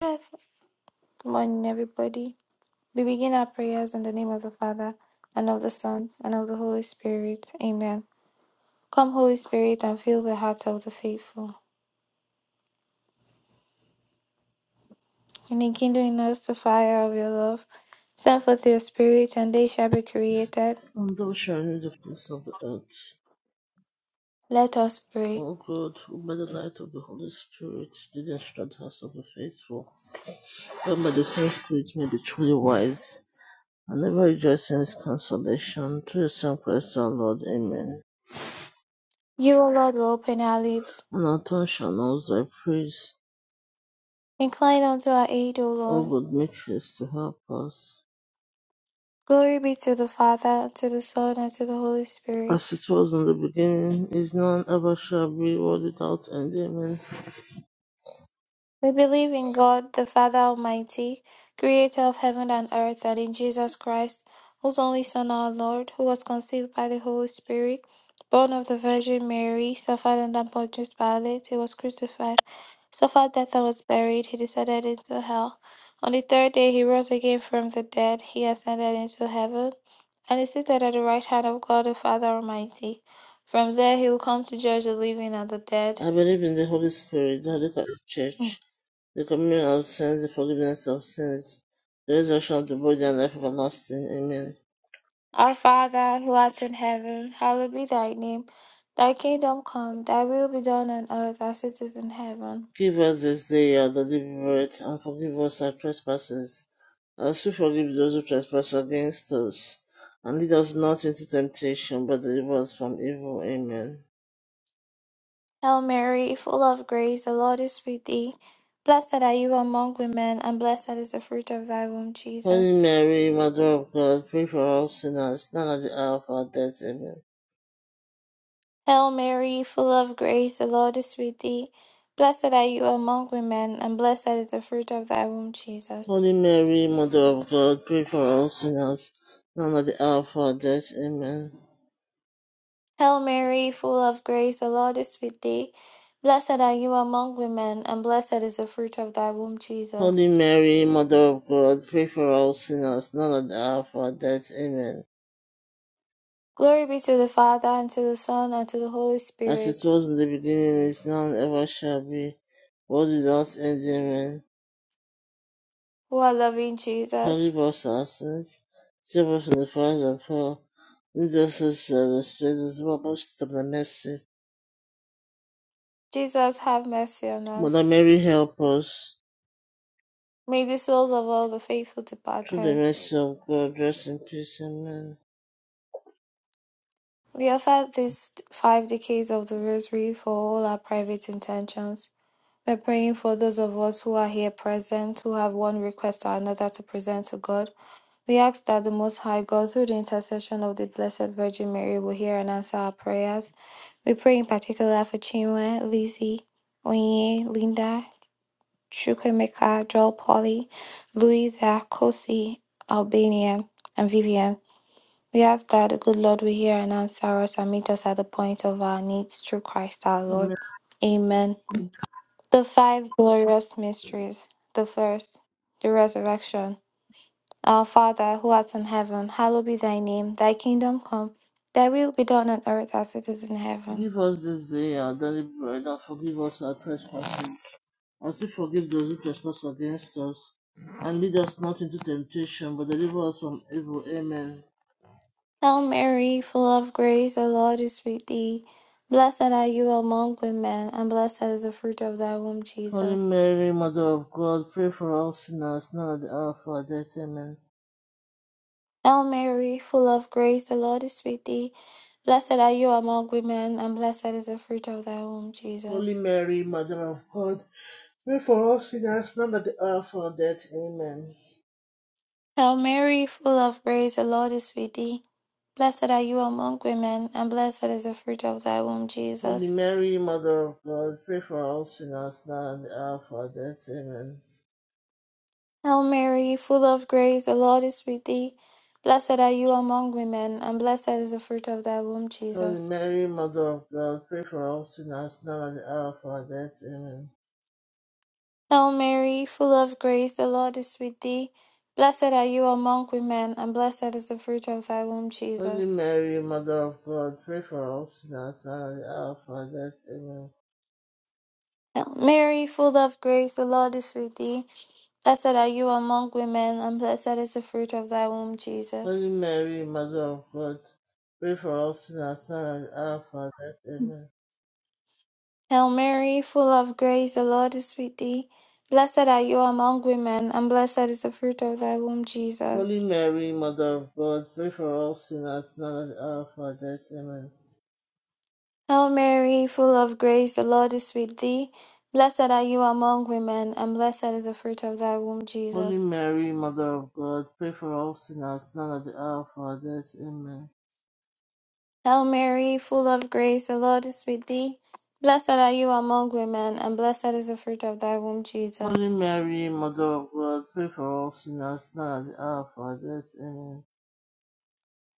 Good morning, everybody. We begin our prayers in the name of the Father, and of the Son, and of the Holy Spirit. Amen. Come, Holy Spirit, and fill the hearts of the faithful, and enkindle in us the fire of your love. Send forth your Spirit, and they shall be created. And thou shalt know the place of the earth. Let us pray. O God, who by the light of the Holy Spirit did instruct the hearts of the faithful, that by the same Spirit may be truly wise, and ever rejoice in his consolation, through his Son Christ our Lord. Amen. You, O Lord, will open our lips. And our tongue shall know thy praise. Incline unto our aid, O O Lord. God, make haste to help us. Glory be to the Father, and to the Son, and to the Holy Spirit As it was in the beginning, is now, and ever shall be, world without end. Amen. We believe in God, the Father Almighty, creator of heaven and earth, and in Jesus Christ, whose only Son, our Lord, who was conceived by the Holy Spirit, born of the Virgin Mary, suffered under Pontius Pilate, he was crucified, suffered death and was buried, he descended into hell. On the third day he rose again from the dead, he ascended into heaven, and is seated at the right hand of God the Father Almighty. From there he will come to judge the living and the dead. I believe in the Holy Spirit, the Holy Catholic Church the communion of sins, the forgiveness of sins, the resurrection of the body, and life everlasting. Amen. Our Father, who art in heaven, hallowed be thy name. Thy kingdom come, thy will be done on earth as it is in heaven. Give us this day our daily bread, and forgive us our trespasses, as we forgive those who trespass against us. And lead us not into temptation, but deliver us from evil. Amen. Hail Mary, full of grace, the Lord is with thee. Blessed are you among women, and blessed is the fruit of thy womb, Holy Jesus. Mary, Mother of God, pray for all sinners, now and at the hour of our death. Amen. Hail Mary, full of grace, the Lord is with thee. Blessed are you among women, and blessed is the fruit of thy womb, Jesus. Holy Mary, Mother of God, pray for all sinners, now and at the hour of our death. Amen. Hail Mary, full of grace, the Lord is with thee. Blessed are you among women, and blessed is the fruit of thy womb, Jesus. Holy Mary, Mother of God, pray for all sinners, now and at the hour of our death. Amen. Glory be to the Father, and to the Son, and to the Holy As it Spirit, was in the beginning, is now, and ever shall be, world without end. Amen. who are loving Jesus. Forgive us our sins, save us from the fires of hell, lead us to service, Jesus, most of the mercy. Jesus, have mercy on Mother us. Mary, help us. May the souls of all the faithful Through the departed. mercy of God, rest in peace. Amen. We offer these five decades of the Rosary for all our private intentions. We're praying for those of us who are here present, who have one request or another to present to God We ask that the Most High God, through the intercession of the Blessed Virgin Mary, will hear and answer our prayers. We pray in particular for Chinwe, Lizzie, Onye, Linda, Chukwemeka, Joel Polly, Louisa, Kosi, Albania, and Vivian. We ask that the good Lord will hear and answer us and meet us at the point of our needs through Christ our Lord. Amen. Amen. The five glorious mysteries. The first, the resurrection. Our Father, who art in heaven, hallowed be thy name. Thy kingdom come, thy will be done on earth as it is in heaven. Give us this day our daily bread, and forgive us our trespasses Also forgive those who trespass against us, and lead us not into temptation, but deliver us from evil. Amen. Hail Mary, full of grace, the Lord is with thee. Blessed are you among women, and blessed is the fruit of thy womb, Holy Jesus. Mary, Mother of God, pray for us sinners, now at the hour of our death. Amen. Hail Mary, full of grace, the Lord is with thee. Blessed are you among women, and blessed is the fruit of thy womb, Holy Jesus. Mary, Mother of God, pray for us sinners, now at the hour of our death. Amen. Hail Mary, full of grace, the Lord is with thee. Blessed are you among women, and blessed is the fruit of thy womb, Holy Jesus. Mary, Mother of God, pray for us sinners, now at the hour of our death. Amen. Hail Mary, full of grace, the Lord is with thee. Blessed are you among women, and blessed is the fruit of thy womb, Holy Jesus. Mary, Mother of God, pray for us sinners, now at the hour of our death. Amen. Hail Mary, full of grace, the Lord is with thee. Blessed are you among women, and blessed is the fruit of thy womb, Holy Jesus. Mary, Mother of God, pray for us sinners now and at the hour of our death. Amen. Hail Mary, full of grace, the Lord is with thee. Blessed are you among women, and blessed is the fruit of thy womb, Jesus. Holy Mary, Mother of God, pray for us sinners now and at the hour of our death. Amen. Hail Mary, full of grace, the Lord is with thee. Blessed are you among women, and blessed is the fruit of thy womb, Jesus. Holy Mary, Mother of God, pray for us sinners now and at the hour of our death. Amen. Hail Mary, full of grace, the Lord is with thee. Blessed are you among women, and blessed is the fruit of thy womb, Holy Jesus. Mary, Mother of God, pray for us sinners now and at the hour of our death. Amen. Hail Mary, full of grace, the Lord is with thee. Blessed are you among women, and blessed is the fruit of thy womb, Jesus. Holy Mary, Mother of God, pray for us sinners now and at the hour of our death. Amen.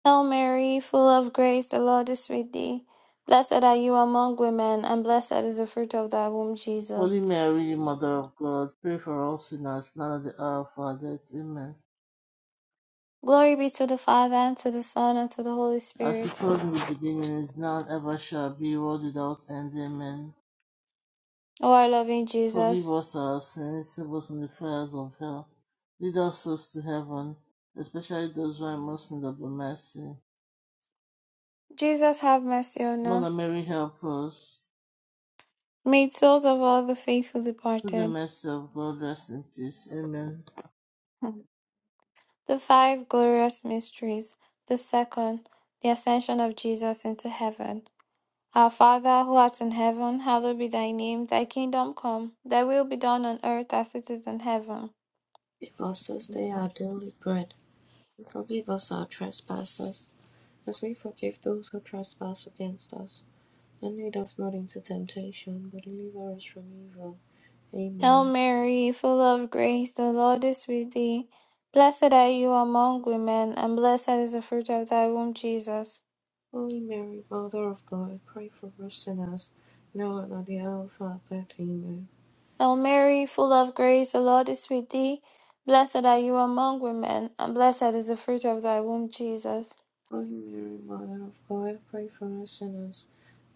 Hail Mary, full of grace, the Lord is with thee. Blessed are you among women, and blessed is the fruit of thy womb, Holy Jesus. Mary, Mother of God, pray for all sinners now and at the hour of our death. Amen. Glory be to the Father, and to the Son, and to the Holy As it Spirit. was in the beginning, is now, and ever shall be, world without end. Amen. O our loving Forgive Jesus, us our sins, save us from the fires of hell. Lead us souls to heaven, especially those who are most in need of the mercy. Jesus, have mercy on Mother us. Mary, help us. made souls of all the faithful Through the departed. mercy of God, rest in peace. Amen. Hmm. The five glorious mysteries. The second, the ascension of Jesus into heaven. Our Father who art in heaven, hallowed be thy name. Thy kingdom come, thy will be done on earth as it is in heaven. Give us this day our daily bread, and forgive us our trespasses, as we forgive those who trespass against us. And lead us not into temptation, but deliver us from evil. Hail Amen. Mary, full of grace, the Lord is with thee. Blessed are you among women, and blessed is the fruit of thy womb, Jesus. Holy Mary, Mother of God, pray for us sinners, now and at the hour of our death. Amen. Hail Mary, full of grace, the Lord is with thee. Blessed are you among women, and blessed is the fruit of thy womb, Jesus. Holy Mary, Mother of God, pray for us sinners,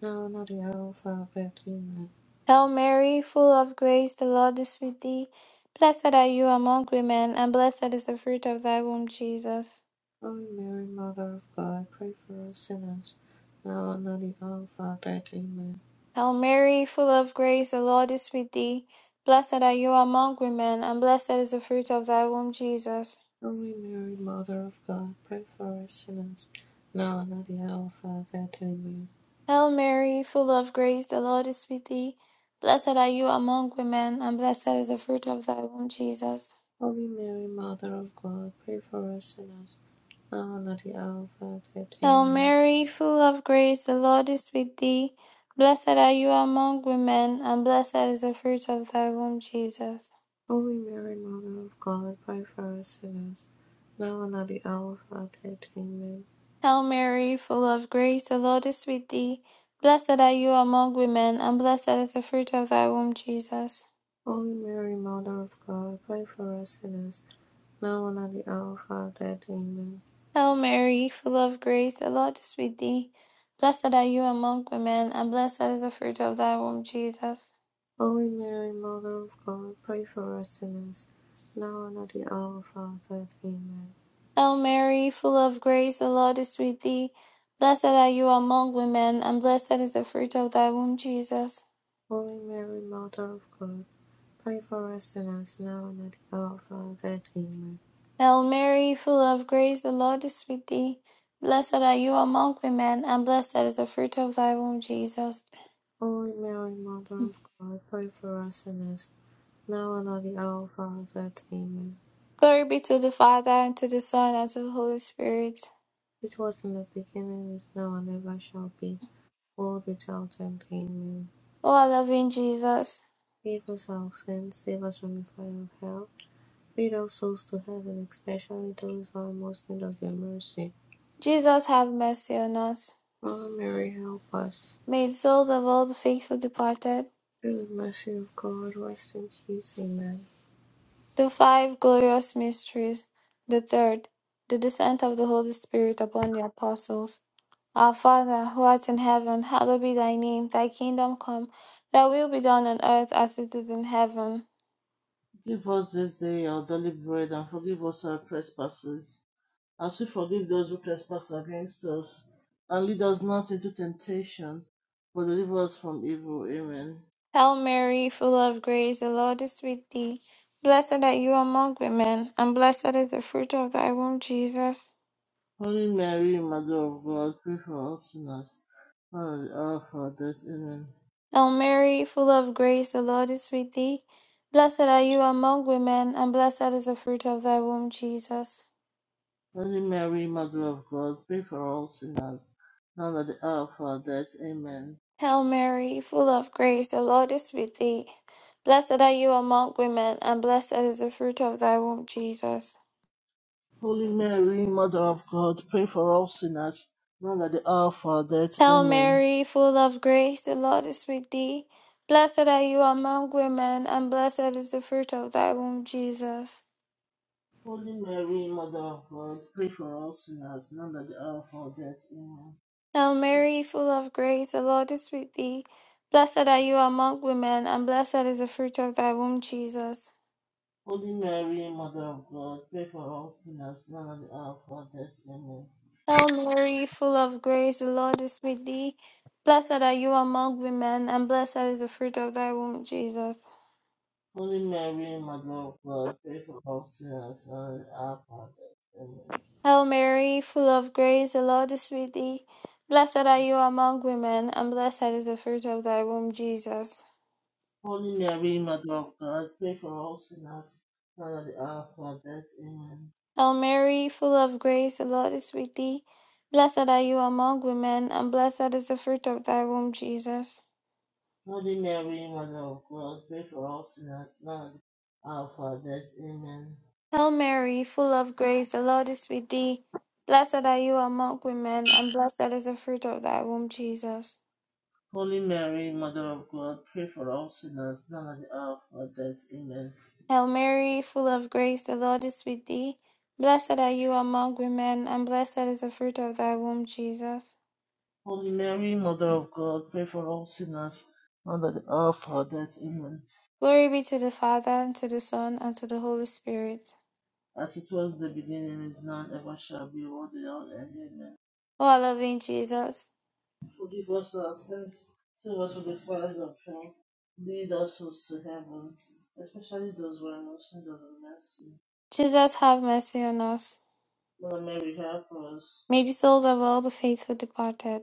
now and at the hour of our death. Amen. Hail Mary, full of grace, the Lord is with thee. Blessed are you among women, and blessed is the fruit of thy womb, Jesus. Holy Mary, Mother of God, pray for us sinners, now and at the hour of our death. Amen. Hail Mary, full of grace, the Lord is with thee. Blessed are you among women, and blessed is the fruit of thy womb, Jesus. Holy Mary, Mother of God, pray for us sinners, now and at the hour of our death. Amen. Hail Mary, full of grace, the Lord is with thee. Blessed are you among women, and blessed is the fruit of thy womb, Jesus. Holy Mary, Mother of God, pray for us sinners, now and at the hour of our death. Hail Amen. Mary, full of grace, the Lord is with thee. Blessed are you among women, and blessed is the fruit of thy womb, Jesus. Holy Mary, Mother of God, pray for us sinners, now and at the hour of our death. Amen. Hail Mary, full of grace, the Lord is with thee. Blessed are you among women, and blessed is the fruit of thy womb, Jesus. Holy Mary, Mother of God, pray for us sinners, now and at the hour of our death. Amen. Hail Mary, full of grace, the Lord is with thee. Blessed are you among women, and blessed is the fruit of thy womb, Jesus. Holy Mary, Mother of God, pray for us sinners, now and at the hour of our death. Amen. Hail Mary, full of grace, the Lord is with thee. Blessed are you among women, and blessed is the fruit of thy womb, Jesus. Holy Mary, Mother of God, pray for us sinners now and at the hour of our death. Amen. Hail Mary, full of grace, the Lord is with thee. Blessed are you among women, and blessed is the fruit of thy womb, Jesus. Holy Mary, Mother of God, pray for us sinners now and at the hour of our death. Amen. Glory be to the Father, and to the Son, and to the Holy Spirit. It was in the beginning, is now, and ever shall be, world without end. Amen. O our loving Jesus, Save us our sins, save us from the fire of hell. Lead our souls to heaven, especially those who are most in need of your mercy. Jesus, have mercy on us. Holy Mary, help us. May the souls of all the faithful departed Through the mercy of God, rest in peace. Amen. The five glorious mysteries, the third, the descent of the Holy Spirit upon the apostles. Our Father, who art in heaven, hallowed be thy name. Thy kingdom come, thy will be done on earth as it is in heaven. Give us this day our daily bread, and forgive us our trespasses as we forgive those who trespass against us, and lead us not into temptation, but deliver us from evil. Amen. Hail Mary, full of grace, the Lord is with thee. Blessed are you among women, and blessed is the fruit of thy womb, Jesus. Holy Mary, Mother of God, pray for us sinners, now and at the hour of our death. Amen. Hail Mary, full of grace, the Lord is with thee. Blessed are you among women, and blessed is the fruit of thy womb, Jesus. Holy Mary, Mother of God, pray for all sinners, now and at the hour of our death. Amen. Hail Mary, full of grace, the Lord is with thee. Blessed are you among women, and blessed is the fruit of thy womb, Jesus. Holy Mary, Mother of God, pray for all sinners, now and at the hour of our death. Hail Amen. Mary, full of grace, the Lord is with thee. Blessed are you among women, and blessed is the fruit of thy womb, Jesus. Holy Mary, Mother of God, pray for all sinners, now and at the hour of our death. Amen. Hail Mary, full of grace, the Lord is with thee. Blessed are you among women, and blessed is the fruit of thy womb, Jesus. Holy Mary, Mother of God, pray for all sinners now and at the hour of our death. Amen. Hail Mary, full of grace, the Lord is with thee. Blessed are you among women, and blessed is the fruit of thy womb, Jesus. Holy Mary, Mother of God, pray for all sinners now and at the hour of our death. Amen. Hail Mary, full of grace, the Lord is with thee. Blessed are you among women, and blessed is the fruit of thy womb, Jesus. Holy Mary, Mother of God, pray for all sinners now and at the hour of our death. Amen. Hail Mary, full of grace, the Lord is with thee. Blessed are you among women, and blessed is the fruit of thy womb, Jesus. Holy Mary, Mother of God, pray for all sinners now and at the hour of our death. Amen. Hail Mary, full of grace, the Lord is with thee. Blessed are you among women, and blessed is the fruit of thy womb, Jesus. Holy Mary, Mother of God, pray for all sinners now and at the hour of our death. Amen. Hail Mary, full of grace, the Lord is with thee. Blessed are you among women, and blessed is the fruit of thy womb, Jesus. Holy Mary, Mother of God, pray for all sinners, now and at the hour of our death. Amen. Glory be to the Father, and to the Son, and to the Holy Spirit. As it was in the beginning, is now, and ever shall be, world without end. Amen. O our loving Jesus, Forgive us our sins, save us from the fires of hell, lead us souls to heaven, especially those who are most in need of the mercy. Jesus, have mercy on us. Mother Mary, help us. May the souls of all the faithful departed.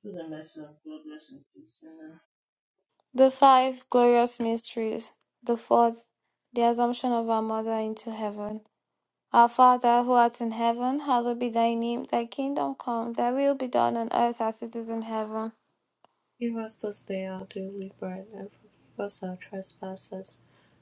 Through the mercy of God, rest in peace. Amen. The five glorious mysteries. The fourth, the assumption of our Mother into heaven. Our Father, who art in heaven, hallowed be thy name. Thy kingdom come, thy will be done on earth as it is in heaven. Give us this day our daily bread, and forgive us our trespasses,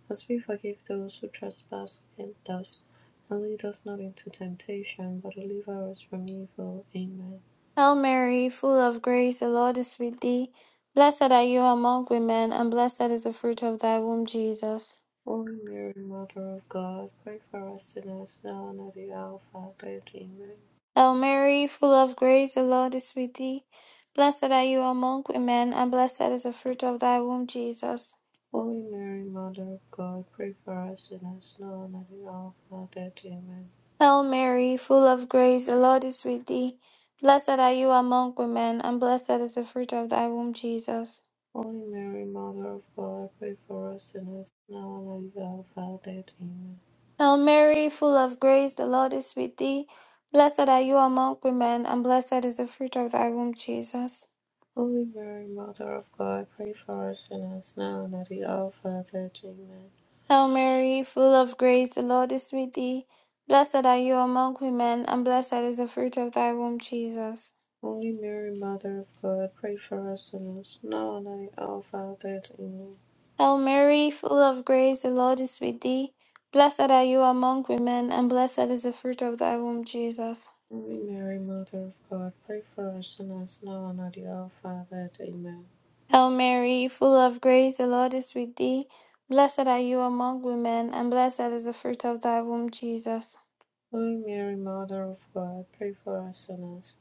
as we forgive those who trespass against us. And lead us not into temptation, but deliver us from evil. Amen. Hail Mary, full of grace, the Lord is with thee. Blessed are you among women, and blessed is the fruit of thy womb, Jesus. Holy Mary, Mother of God, pray for us sinners now and at the hour of our death. Amen. Hail Mary, full of grace, the Lord is with thee. Blessed are you among women, and blessed is the fruit of thy womb, Jesus. Holy Mary, Mother of God, pray for us sinners now and at the hour of our death. Amen. Hail Mary, full of grace, the Lord is with thee. Blessed are you among women, and blessed is the fruit of thy womb, Jesus. Holy Mary, Mother of God, pray for us sinners now and at the hour of our death. Amen. Hail Mary, full of grace, the Lord is with thee. Blessed are you among women, and blessed is the fruit of thy womb, Jesus. Holy Mary, Mother of God, pray for us sinners now and at the hour of our death. Amen. Hail Mary, full of grace, the Lord is with thee. Blessed are you among women, and blessed is the fruit of thy womb, Jesus. Holy Mary, Mother of God, pray for us sinners now and at the hour of our death. Amen. Hail Mary, full of grace, the Lord is with thee. Blessed are you among women, and blessed is the fruit of thy womb, Jesus. Holy Mary, Mother of God, pray for us sinners now and at the hour of our death. Amen. Hail Mary, full of grace, the Lord is with thee. Blessed are you among women, and blessed is the fruit of thy womb, Jesus. Holy Mary, Mother of God, pray for us sinners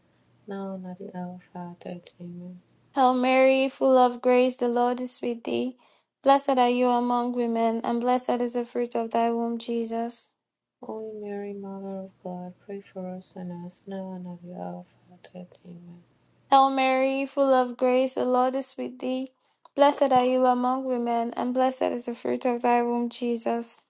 now and at the hour of our death. Amen. Hail Mary, full of grace, the Lord is with thee. Blessed are you among women, and blessed is the fruit of thy womb, Jesus. Holy Mary, Mother of God, pray for us sinners now and at the hour of our death. Amen. Hail Mary, full of grace, the Lord is with thee. Blessed are you among women, and blessed is the fruit of thy womb, Jesus.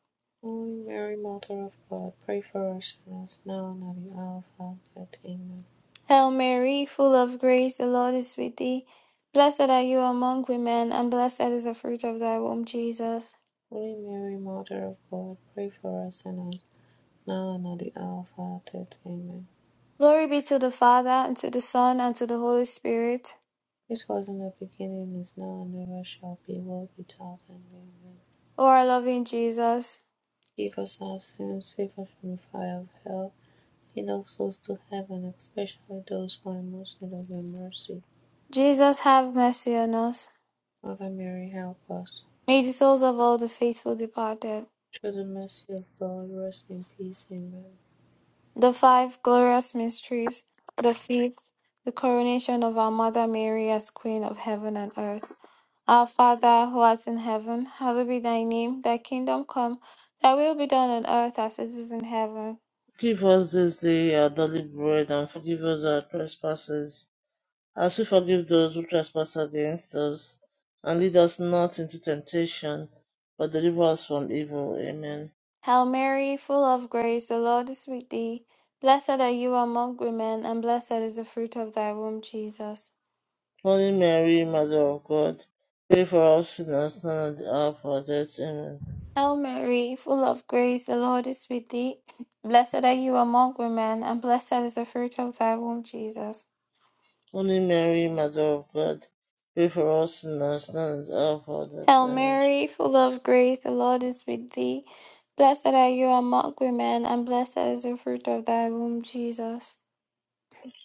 Holy Mary, Mother of God, pray for us sinners now and at the hour of our death. Amen. Hail Mary, full of grace, the Lord is with thee. Blessed are you among women, and blessed is the fruit of thy womb, Jesus. Holy Mary, Mother of God, pray for us sinners now and at the hour of our death. Amen. Glory be to the Father, and to the Son, and to the Holy Spirit. It was in the beginning, is now, and ever shall be, world without end. Amen. O our loving Jesus, Give us our sins, save us from the fire of hell. Lead all souls to heaven, especially those who are most in need of your mercy. Jesus, have mercy on us. Mother Mary, help us. May the souls of all the faithful departed, Through the mercy of God, rest in peace. Amen. the five glorious mysteries, the fifth, the coronation of our Mother Mary as Queen of heaven and earth. Our Father who art in heaven, hallowed be thy name. Thy kingdom come, thy will be done on earth as it is in heaven. Give us this day our daily bread, and forgive us our trespasses, As we forgive those who trespass against us, and lead us not into temptation, but deliver us from evil. Amen. Hail Mary, full of grace, the Lord is with thee. Blessed are you among women, and blessed is the fruit of thy womb, Jesus. Holy Mary, Mother of God, pray for us sinners now and at the hour of our death. Amen. Hail Mary, full of grace, the Lord is with thee. Blessed are you among women, and blessed is the fruit of thy womb, Jesus. Holy Mary, Mother of God, pray for us sinners now and at the hour of our death. Hail Amen. Mary, full of grace, the Lord is with thee. Blessed are you among women, and blessed is the fruit of thy womb, Jesus.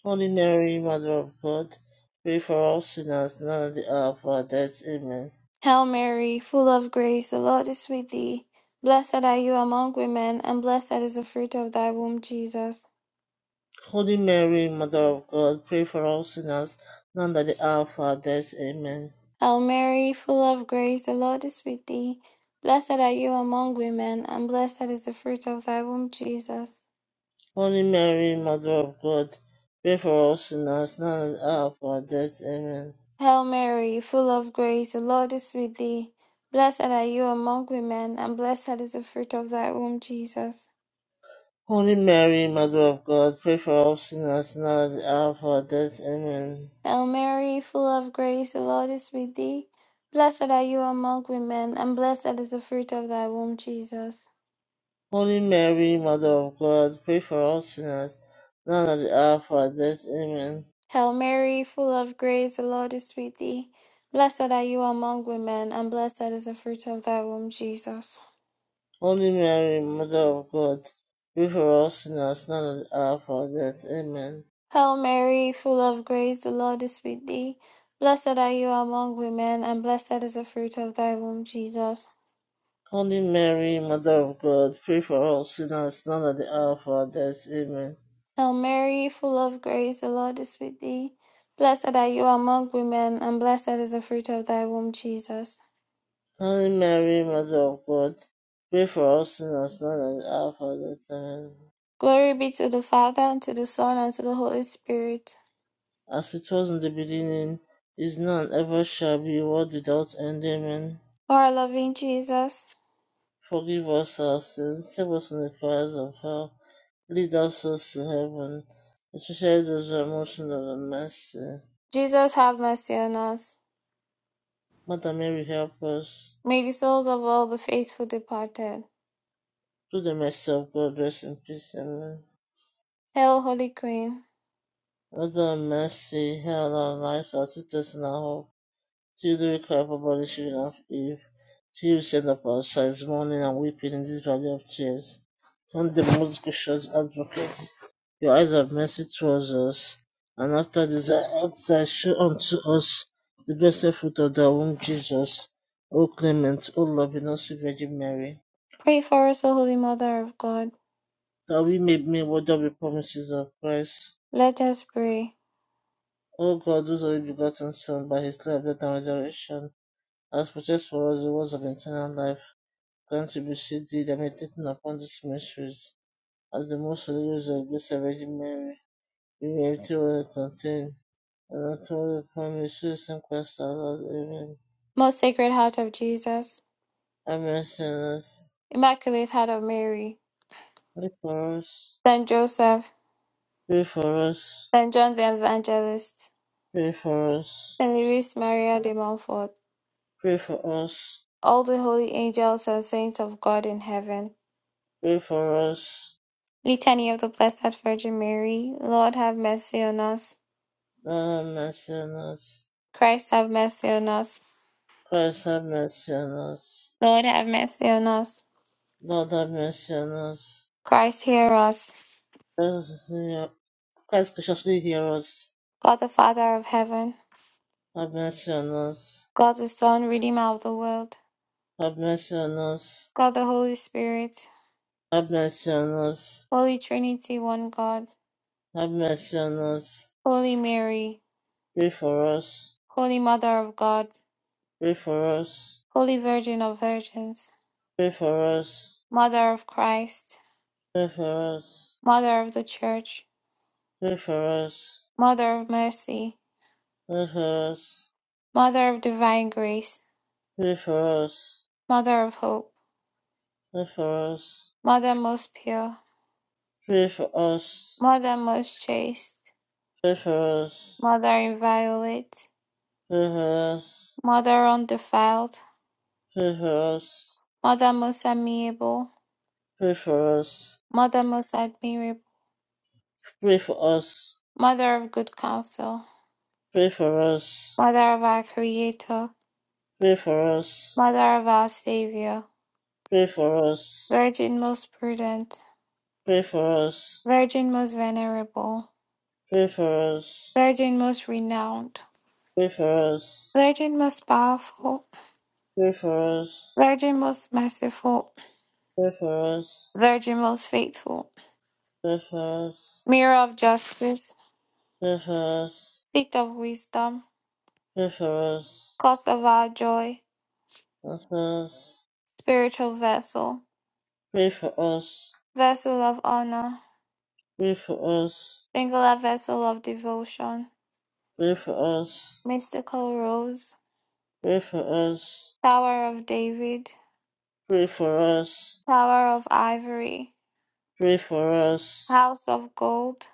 Holy Mary, Mother of God, pray for us sinners now and at the hour of our death. Amen. Hail Mary, full of grace, the Lord is with thee. Blessed are you among women, and blessed is the fruit of thy womb, Jesus. Holy Mary, Mother of God, pray for us sinners now and at the hour of our death. Amen. Hail Mary, full of grace, the Lord is with thee. Blessed are you among women, and blessed is the fruit of thy womb, Jesus. Holy Mary, Mother of God, pray for us sinners now and at the hour of our death. Amen. Hail Mary, full of grace, the Lord is with thee. Blessed are you among women, and blessed is the fruit of thy womb, Jesus. Holy Mary, Mother of God, pray for us sinners now and at the hour of our death. Amen. Hail Mary, full of grace, the Lord is with thee. Blessed are you among women, and blessed is the fruit of thy womb, Jesus. Holy Mary, Mother of God, pray for us sinners now and at the hour of our death. Amen. Hail Mary, full of grace, the Lord is with thee. Blessed are you among women, and blessed is the fruit of thy womb, Jesus. Holy Mary, Mother of God, pray for us sinners now and at the hour of our death. Amen. Hail Mary, full of grace, the Lord is with thee. Blessed are you among women, and blessed is the fruit of thy womb, Jesus. Holy Mary, Mother of God, pray for us sinners now and at the hour of our death. Amen. Hail Mary, full of grace, the Lord is with thee. Blessed are you among women, and blessed is the fruit of thy womb, Jesus. Holy Mary, Mother of God, pray for us sinners now and at the hour of our death. Amen. Glory be to the Father, and to the Son, and to the Holy Spirit. As it was in the beginning, is now and ever shall be, world without end. Amen. O our loving Jesus, Forgive us our sins, save us from the fires of hell, lead us souls to heaven, especially those who are most in need of mercy. Jesus, have mercy on us. Mother Mary, help us. May the souls of all the faithful departed. Through the mercy of God, rest in peace. Amen. Hail, Holy Queen. Mother of mercy, heal our lives, our sweetest and our hope. Children cry for banishing of Eve. She who sent up our sighs, mourning and weeping in this valley of tears. Turn the most gracious advocate. Your eyes of mercy towards us, and after this exile, show unto us the blessed fruit of thy womb, Jesus. O clement, O loving, O sweet Virgin Mary, Pray for us, O Holy Mother of God. that we may be worthy of the promises of Christ. Let us pray. O God, whose only begotten Son, by his life, death, and resurrection, has purchased for us the rewards of eternal life contributions depending upon these mysteries are the most serious of these arrangements being empty well contain and ultimately promises some Christ allowed. Amen. Most Sacred Heart of Jesus, Have mercy on us. Immaculate Heart of Mary, Pray for us. Saint Joseph, Pray for us. Saint John the Evangelist, Pray for us. Saint Louis Maria de Montfort, Pray for us. all the holy angels and saints of God in heaven. Pray for us. Litany of the Blessed Virgin Mary, Lord have mercy on us. Lord have mercy on us. Christ have mercy on us. Christ have mercy on us. Lord have mercy on us. Lord have mercy on us. Christ hear us. Christ graciously hear us. God the Father of heaven, Have mercy on us. God the Son, Redeemer of the world, Have mercy on us. God the Holy Spirit, Have mercy on us. Holy Trinity, one God, Have mercy on us. Holy Mary, Pray for us. Holy Mother of God, Pray for us. Holy Virgin of Virgins, Pray for us. Mother of Christ, Pray for us. Mother of the Church, Pray for us. Mother of Mercy, Pray for us. Mother of Divine Grace, Pray for us. Mother of Hope, Pray for us. Mother most pure, Mother most chaste, Pray for us. Mother inviolate, Pray for us. Mother undefiled, Pray for us. Mother most amiable, Pray for us. Mother most admirable, Pray for us. Mother of good counsel, Pray for us. Mother of our Creator, Pray for us. Mother of our Savior, Pray for us. Virgin most prudent, Pray for us. Pray for us. Virgin most venerable, Pray for us Virgin most renowned, Pray for us. Virgin most powerful, Pray for us. Virgin most merciful, Pray for us. Virgin most faithful, Pray for us. Mirror of justice, Pray for us. Seat of wisdom, Pray for Cause of our joy, us. Spiritual vessel, Pray for us. Vessel of honor, Pray for us. Singular vessel of devotion, Pray for Mystical rose, us. Tower of David, Pray for us. Tower of ivory, Pray for us. House of gold,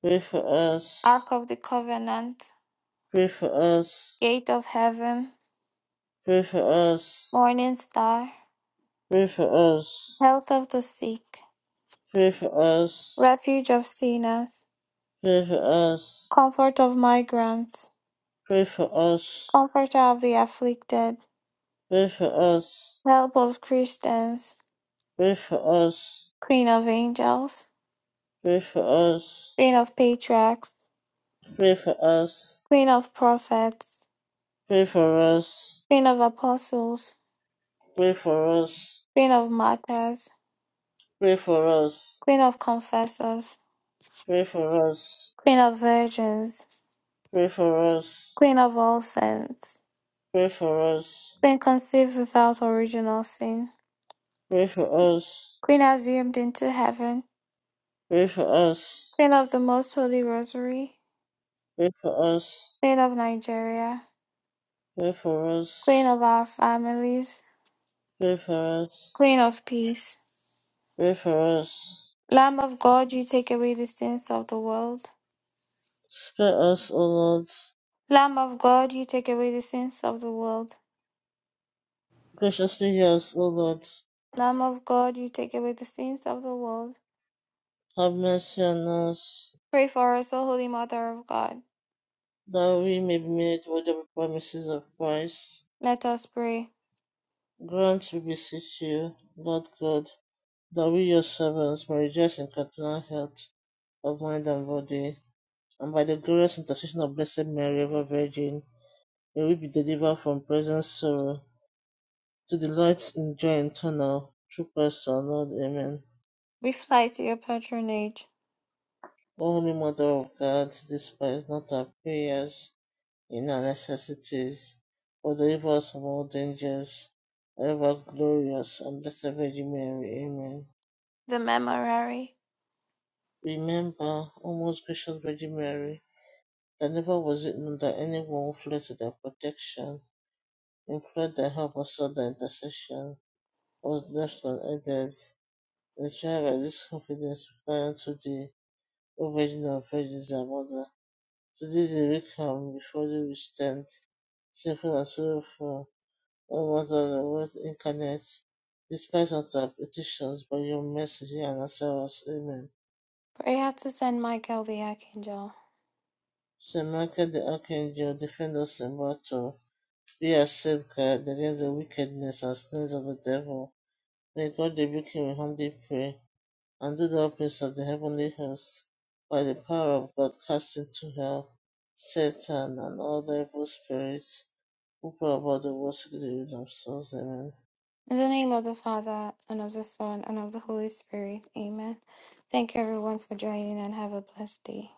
Pray for us. Ark of the covenant, Pray for us. Pray for us. Gate of heaven, Pray for Morning star, us. health of the sick, Pray for us. refuge of sinners, Pray for us. comfort of migrants, Pray for us. comforter of the afflicted, Pray for us. Pray for us. help of Christians, Pray for us. queen of angels, Pray for us. queen of patriarchs, Pray for us. queen of prophets, Pray for us. queen of apostles, Pray for us. queen of martyrs, Pray for us. queen of confessors, Pray for us. queen of virgins, Pray for us. queen of all saints, Pray for us. queen conceived without original sin, Pray for us. queen assumed into heaven, Pray for us. queen of the most holy rosary, Pray for us. queen of Nigeria. Pray for us. Queen of our families, Pray for us. Queen of peace. Pray for us. Lamb of God, you take away the sins of the world. Spare us, O Lord. Lamb of God, you take away the sins of the world. Graciously hear us, O Lord. Lamb of God, you take away the sins of the world. Have mercy on us, Pray for us, O Holy Mother of God. that we may be made worthy of the promises of Christ. Let us pray. Grant, we beseech you, Lord God, that we your servants may rejoice in continual health of mind and body, and by the glorious intercession of Blessed Mary, ever Virgin, may we be delivered from present sorrow to delight in joy eternal through Christ our Lord. Amen. We fly to your patronage. O Holy Mother of God, despise not our prayers in our necessities, but deliver us from all dangers. Ever glorious and blessed Virgin Mary. Amen. The Memorare. Remember, O most gracious Virgin Mary, that never was it known that anyone who fled to thy protection, implored thy help, or sought thy intercession, was left unaided. Inspired by this confidence, we fly unto thee, O Virgin of Virgins and Mother. To thee the weak come, before thee we stand, sinful and sorrowful, O Mother of the Word incarnate. Despise not our petitions, but your mercy hear and answer us. Amen. Prayer to Saint Michael the Archangel. Saint Michael the Archangel, defend us in battle. Yes, save guard against the wickedness and snares of the devil. May God rebuke him, we humbly pray, and do the openings of the heavenly host, by the power of God, cast into hell Satan and all the evil spirits who prowl about the world seeking the ruin of souls. Amen. In the name of the Father, and of the Son, and of the Holy Spirit. Amen. Thank you, everyone, for joining, and have a blessed day.